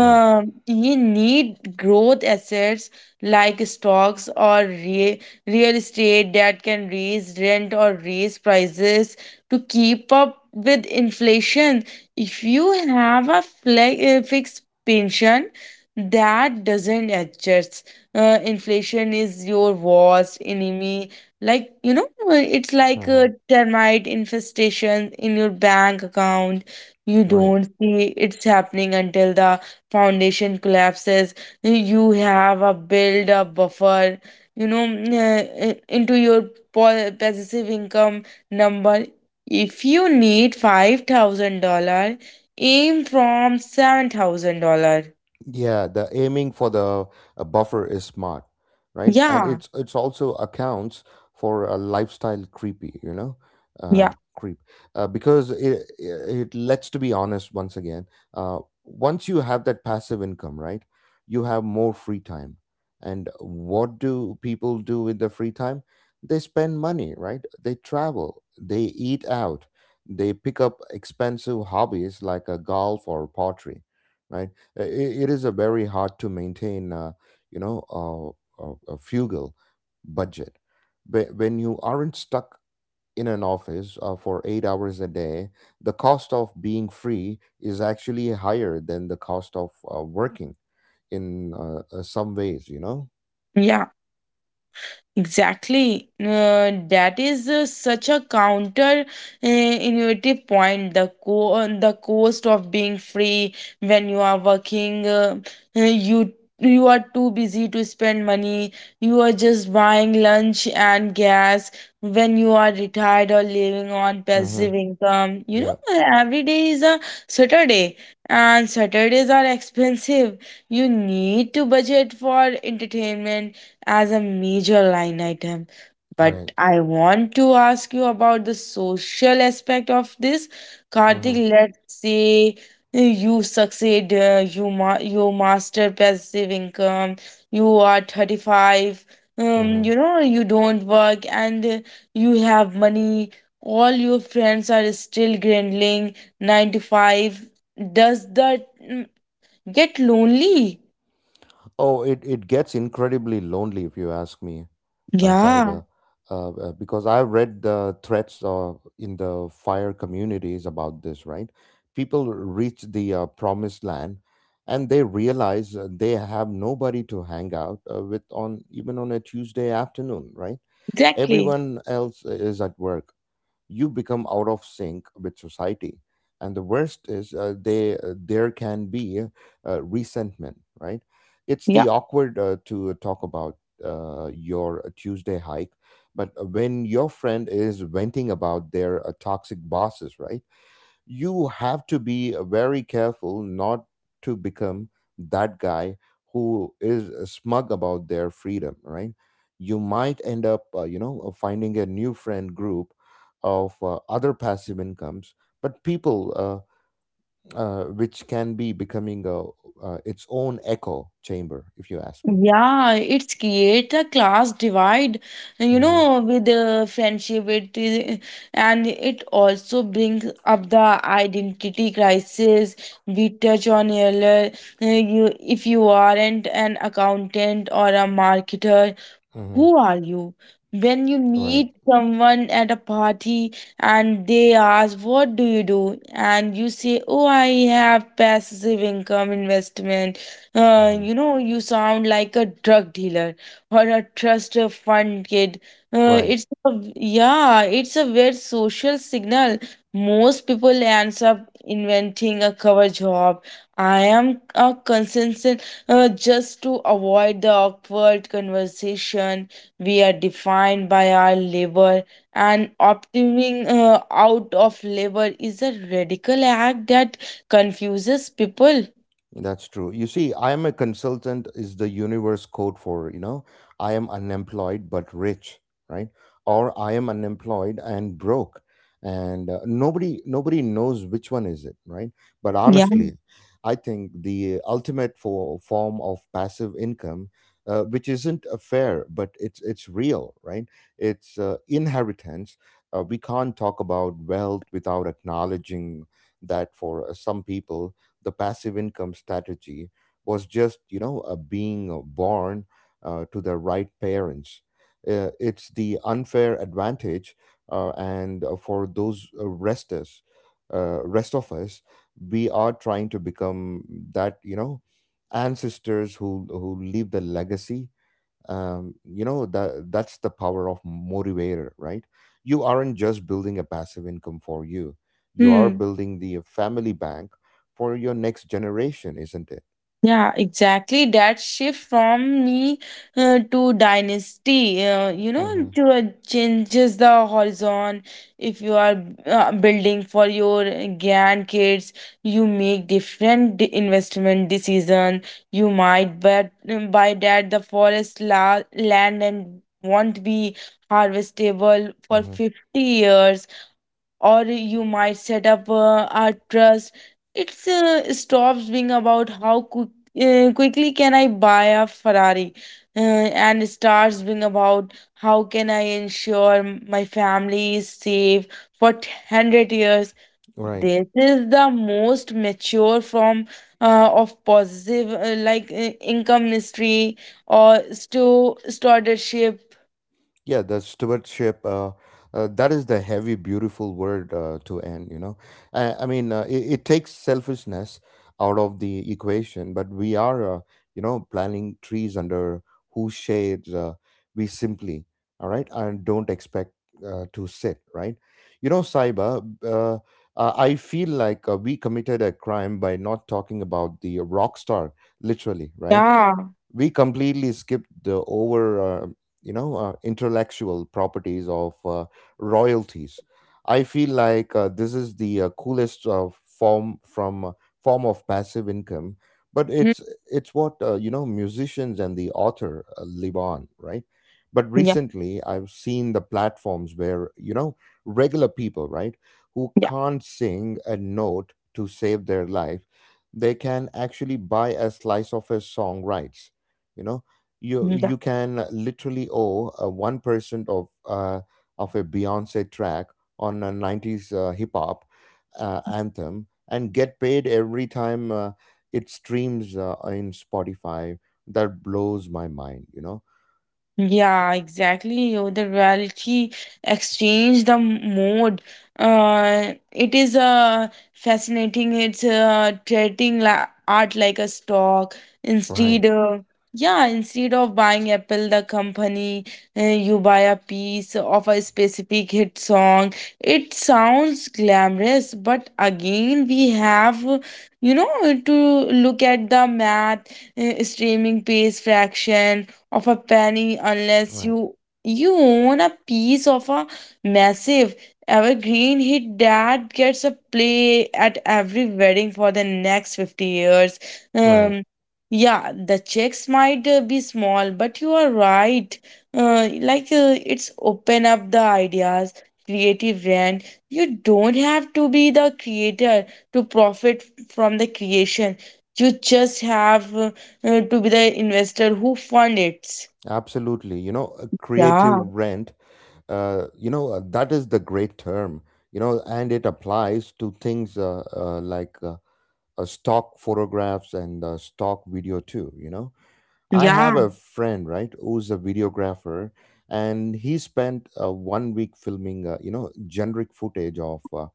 S2: Right.
S1: You need growth assets like stocks or real estate that can raise rent or raise prices to keep up with inflation. If you have a fixed pension that doesn't adjust, inflation is your worst enemy. Like, you know, it's like
S2: Hmm.
S1: a termite infestation in your bank account. You
S2: Right.
S1: don't see it's happening until the foundation collapses. You have a build a buffer, you know, into your passive income number. If you need $5,000, aim from $7,000.
S2: Yeah, the aiming for the buffer is smart, right? And
S1: Yeah.
S2: it's also accounts for a lifestyle creepy,
S1: Yeah.
S2: creep, because let's to be honest once again, uh, once you have that passive income, right, you have more free time, and what do people do with the free time? They spend money, right? They travel, they eat out, they pick up expensive hobbies like a golf or pottery, right? It is a very hard to maintain you know a frugal budget. When you aren't stuck in an office for 8 hours a day, the cost of being free is actually higher than the cost of working in some ways, you know.
S1: Yeah, exactly. That is such a counter innovative point. The cost of being free. When you are working, uh, you you are too busy to spend money. You are just buying lunch and gas. When you are retired or living on
S2: Hmm.
S1: passive income, you
S2: Yeah.
S1: know, every day is a Saturday, and Saturdays are expensive. You need to budget for entertainment as a major line item. But
S2: Right.
S1: I want to ask you about the social aspect of this.
S2: Hmm.
S1: Karthik, let's say you succeed, you master passive income, you are 35,
S2: Hmm.
S1: you know, you don't work, and you have money. All your friends are still grinding 9 to 5. Does that get lonely?
S2: Oh, it gets incredibly lonely, if you ask me,
S1: Yeah,
S2: Saiba, because I've read the threats in the fire communities about this, right? People reach the promised land, and they realize they have nobody to hang out with on even on a Tuesday afternoon, right?
S1: exactly.
S2: Everyone else is at work. You become out of sync with society, and the worst is they there can be resentment, right? It's the
S1: Yeah.
S2: awkward to talk about your Tuesday hike, but when your friend is venting about their toxic bosses, right, you have to be very careful not to become that guy who is smug about their freedom, right? You might end up finding a new friend group of other passive incomes, but people, which can be becoming its own echo chamber, if you ask me.
S1: Yeah, it's create a class divide, you
S2: Mm-hmm.
S1: know, with the friendship. It is, and it also brings up the identity crisis we touch on earlier. If you aren't an accountant or a marketer,
S2: Mm-hmm.
S1: who are you? When you
S2: Right.
S1: meet someone at a party and they ask, "What do you do?" and you say, "Oh, I have passive income investment,"
S2: Mm-hmm.
S1: you know, you sound like a drug dealer or a trust fund kid. Uh,
S2: Right.
S1: it's a, yeah, it's a weird social signal. Most people ends up inventing a cover job. I am a consensus, just to avoid the awkward conversation. We are defined by our labor, and opting out of labor is a radical act that confuses people.
S2: That's true. You see, I am a consultant is the universe code for, you know, I am unemployed but rich, right? Or I am unemployed and broke. And nobody knows which one is it, right? But
S1: Yeah.
S2: honestly, I think the ultimate form of passive income, which isn't a fair, but it's real, right? It's inheritance. We can't talk about wealth without acknowledging that for some people the passive income strategy was just, you know, being born to the right parents. It's the unfair advantage, and rest of us, we are trying to become that, you know, ancestors who leave the legacy, that that's the power of motivator, right? You aren't just building a passive income for you, you are
S1: Hmm.
S2: building the family bank for your next generation, isn't it?
S1: Yeah, exactly. That shift from me to dynasty,
S2: Mm-hmm.
S1: to changes the horizon. If you are building for your grandkids, you make investment decision. You might bet by that the forest la land and won't be harvestable for
S2: Mm-hmm.
S1: 50 years, or you might set up a trust. It stops being about how quickly can I buy a Ferrari, uh, and starts being about how can I ensure my family is safe for 100 years.
S2: Right.
S1: This is the most mature form of positive, income history or stewardship.
S2: Yeah, the stewardship, that is the heavy, beautiful word to end, you know. I mean, it takes selfishness out of the equation, but we are, planting trees under whose shades we simply, all right, and don't expect to sit, right? You know, Saiba, I feel like we committed a crime by not talking about the rock star, literally, right?
S1: Yeah.
S2: We completely skipped the over intellectual properties of royalties. I feel like this is the coolest form of passive income, but
S1: Hmm.
S2: it's what you know musicians and the author live on, right? But
S1: Yeah,
S2: recently I've seen the platforms where, you know, regular people, right, who
S1: yeah,
S2: can't sing a note to save their life, they can actually buy a slice of a song rights, you know. you
S1: yeah.
S2: you can literally owe a 1% of a Beyonce track on a 90s hip hop anthem and get paid every time it streams in Spotify. That blows my mind, you know.
S1: Yeah, exactly. Oh, the reality exchange, the mode. It is fascinating. It's treating art like a stock
S2: Right.
S1: instead. Yeah, instead of buying Apple, the company, you buy a piece of a specific hit song. It sounds glamorous, but again, we have, to look at the math. Streaming pays fraction of a penny unless
S2: Right.
S1: you own a piece of a massive evergreen hit that gets a play at every wedding for the next 50 years.
S2: Right.
S1: Um, yeah, the checks might be small, but you are right. It's open up the ideas. Creative rent, you don't have to be the creator to profit from the creation. You just have to be the investor who fund it.
S2: Absolutely, you know, creative
S1: Yeah,
S2: rent, that is the great term, you know, and it applies to things stock photographs and stock video too, you know. I have
S1: yeah.
S2: a friend, right, who's a videographer, and he spent one week filming, generic footage of uh,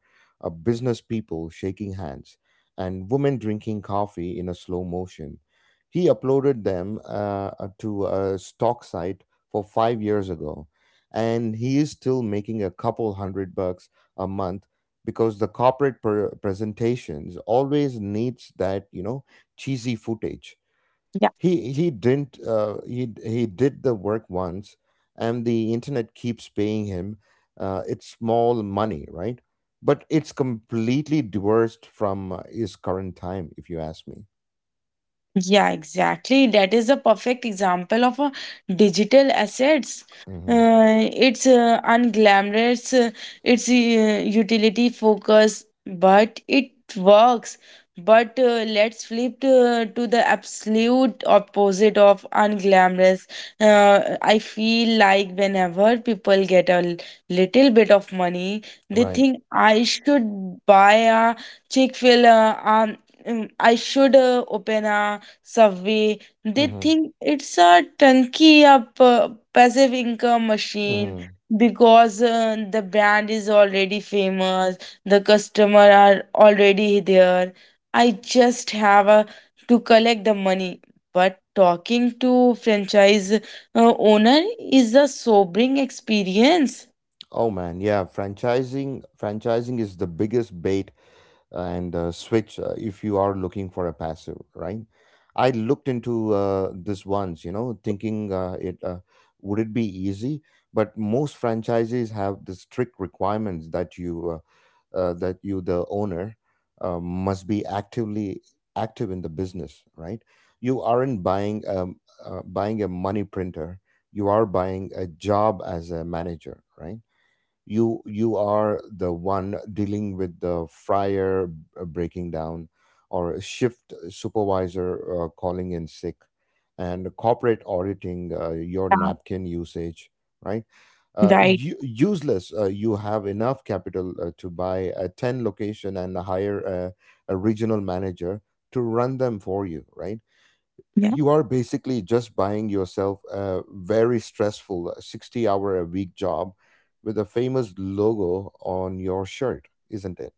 S2: uh, business people shaking hands and women drinking coffee in a slow motion. He uploaded them to a stock site for 5 years ago, and he is still making a couple hundred bucks a month because the corporate presentations always needs that, you know, cheesy footage. He didn't He did the work once, and the internet keeps paying him. It's small money, right? But it's completely divorced from his current time, if you ask me.
S1: Yeah, exactly. That is a perfect example of a digital assets.
S2: Hmm.
S1: It's unglamorous, it's utility focused, but it works. But let's flip to the absolute opposite of unglamorous. I feel like whenever people get a little bit of money, they
S2: Right.
S1: think I should buy a Chick-fil-A, I should open a Subway. They
S2: Hmm.
S1: think it's a turnkey up passive income machine
S2: Hmm.
S1: because the brand is already famous, the customer are already there. I just have to collect the money. But talking to franchise owner is a sobering experience.
S2: Oh man, yeah. Franchising is the biggest bait and switch if you are looking for a passive, right? I looked into this once, thinking it would it be easy, but most franchises have the strict requirements that you, that you the owner, must be active in the business, right? You aren't buying, buying a money printer, you are buying a job as a manager, right? You are the one dealing with the fryer breaking down or shift supervisor calling in sick and corporate auditing your napkin usage, right? uh,
S1: Right.
S2: u- useless you have enough capital to buy a 10 location and hire a regional manager to run them for you, right?
S1: Yeah.
S2: You are basically just buying yourself a very stressful 60 hour a week job with a famous logo on your shirt, isn't it?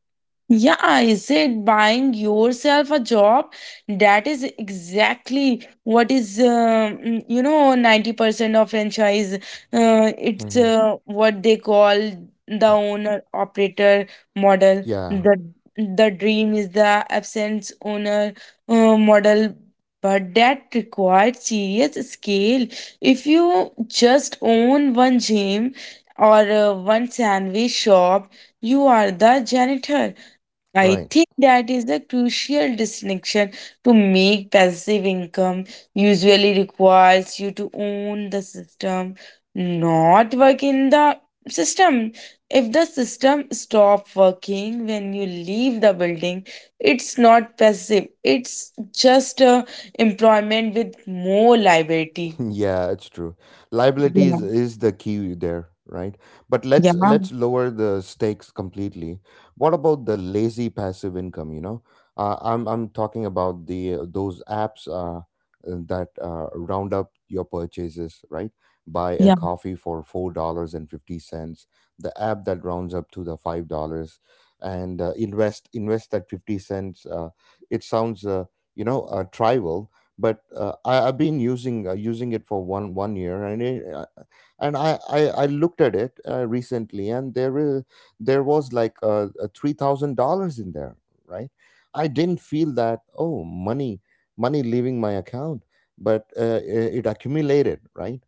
S1: Yeah, is it buying yourself a job? That is exactly what is, 90% of franchise. It's
S2: Hmm.
S1: what they call the owner operator model.
S2: Yeah,
S1: The dream is the absence owner model, but that required serious scale. If you just own one gym or one sandwich shop, you are the janitor. I
S2: right.
S1: think that is the crucial distinction. To make passive income usually requires you to own the system, not work in the system. If the system stop working when you leave the building, it's not passive. It's just a employment with more liability.
S2: Yeah, it's true. Liability
S1: Yeah.
S2: is the key there, right? But
S1: Yeah.
S2: let's lower the stakes completely. What about the lazy passive income, you know? I'm talking about the those apps that round up your purchases, right? Buy a
S1: Yeah.
S2: coffee for $4.50, the app that rounds up to the $5 and invest that 50 cents, it sounds, trivial, but I've been using it for one year, and it, and I looked at it recently, and there was like $3,000 in there, right? I didn't feel that money leaving my account, but it accumulated, right?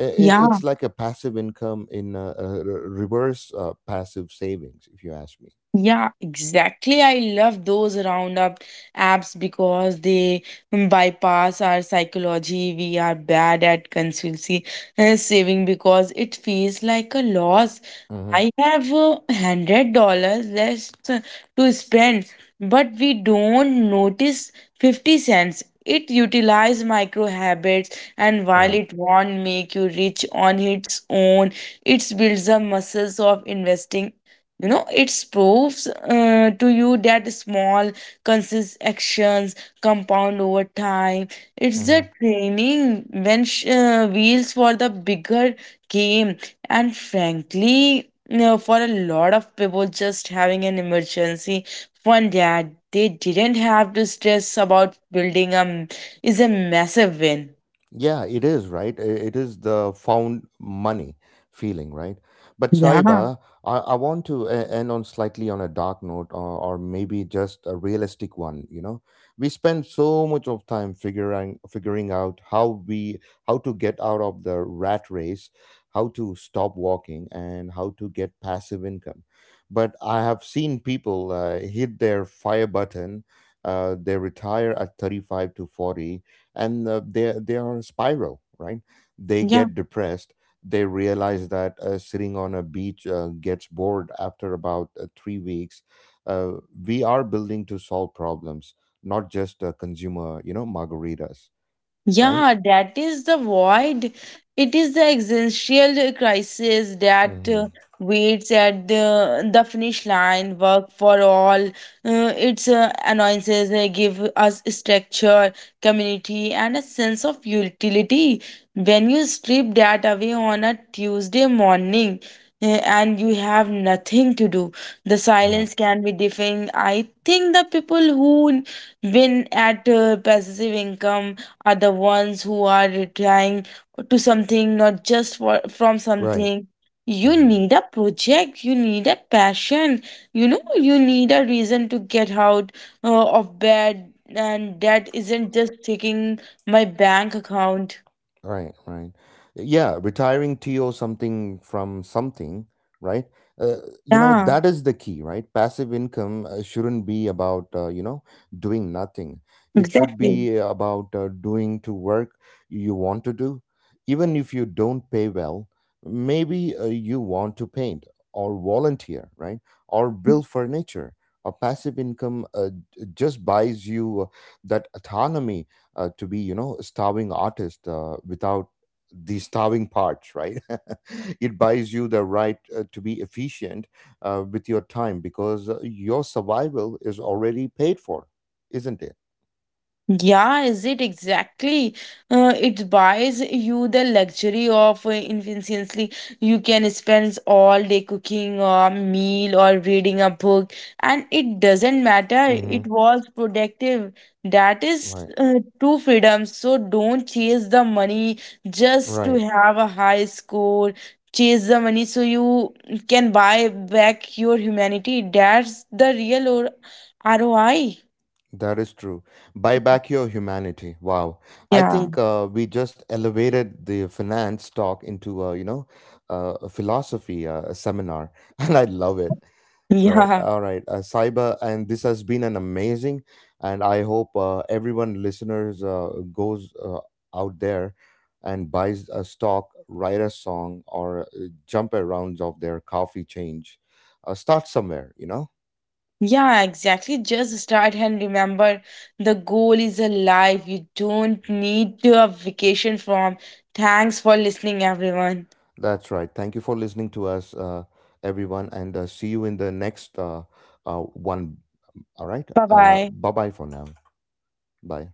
S1: Yeah.
S2: It's like a passive income in reverse, passive savings, if you ask me.
S1: Yeah, exactly. I love those roundup apps because they bypass our psychology. We are bad at consultancy and saving because it feels like a loss.
S2: Mm-hmm.
S1: I have $100 less to spend, but we don't notice 50 cents. It utilizes micro habits, and while
S2: Right.
S1: it won't make you rich on its own, it builds the muscles of investing. You know, it proves to you that small, consistent actions compound over time. It's
S2: Mm-hmm.
S1: the training wheels for the bigger game. And frankly, no, for a lot of people, just having an emergency fund that they didn't have to stress about is a massive win.
S2: Yeah, it is, right? It is the found money feeling, right? But
S1: Yeah,
S2: Saiba, I want to end on slightly on a dark note, or maybe just a realistic one, you know. We spend so much of time figuring out how to get out of the rat race, how to stop walking, and how to get passive income. But I have seen people hit their fire button, they retire at 35 to 40, and they are on a spiral, right? They
S1: yeah.
S2: get depressed. They realize that sitting on a beach gets bored after about 3 weeks, uh, we are building to solve problems, not just consumer, you know, margaritas, right?
S1: Yeah, that is the void. It is the existential crisis that
S2: Hmm.
S1: waits at the finish line. Work for all. Its annoyances they give us structure, community, and a sense of utility. When you strip that away on a Tuesday morning and you have nothing to do, the
S2: Yeah.
S1: silence can be deafening. I think the people who win at passive income are the ones who are trying to something, not just from
S2: Right.
S1: something. You
S2: Mm-hmm.
S1: need a project, you need a passion, you know, you need a reason to get out of bed, and that isn't just checking my bank account.
S2: Right, right. Yeah, retiring to something from something, right? Uh, you know,
S1: Yeah,
S2: that is the key, right? Passive income shouldn't be about, doing nothing. It should
S1: exactly.
S2: be about doing to work you want to do. Even if you don't pay well, maybe you want to paint or volunteer, right? Or build furniture. A passive income, just buys you that autonomy to be, you know, a starving artist without the starving parts, right? It buys you the right to be efficient with your time because your survival is already paid for, isn't it?
S1: Yeah, is it exactly? It buys you the luxury of infinitely. You can spend all day cooking a meal or reading a book, and it doesn't matter.
S2: Hmm.
S1: It was productive. That is
S2: Right.
S1: true freedom. So don't chase the money just to
S2: Right.
S1: have a high score. Chase the money so you can buy back your humanity. That's the real ROI.
S2: That is true. Buy back your humanity, wow. I
S1: Yeah.
S2: think we just elevated the finance talk into a philosophy seminar. And I love it. Right.
S1: Yeah.
S2: All right. Saiba, and this has been an amazing, and I hope everyone listeners goes out there and buys a stock, write a song, or jump around of their coffee change. Start somewhere, you know?
S1: Yeah, exactly. Just start and remember the goal is alive. You don't need to a vacation from. Thanks for listening, everyone.
S2: That's right. Thank you for listening to us, everyone, and see you in the next one. All right.
S1: Bye
S2: Uh,
S1: bye.
S2: bye bye for now. Bye.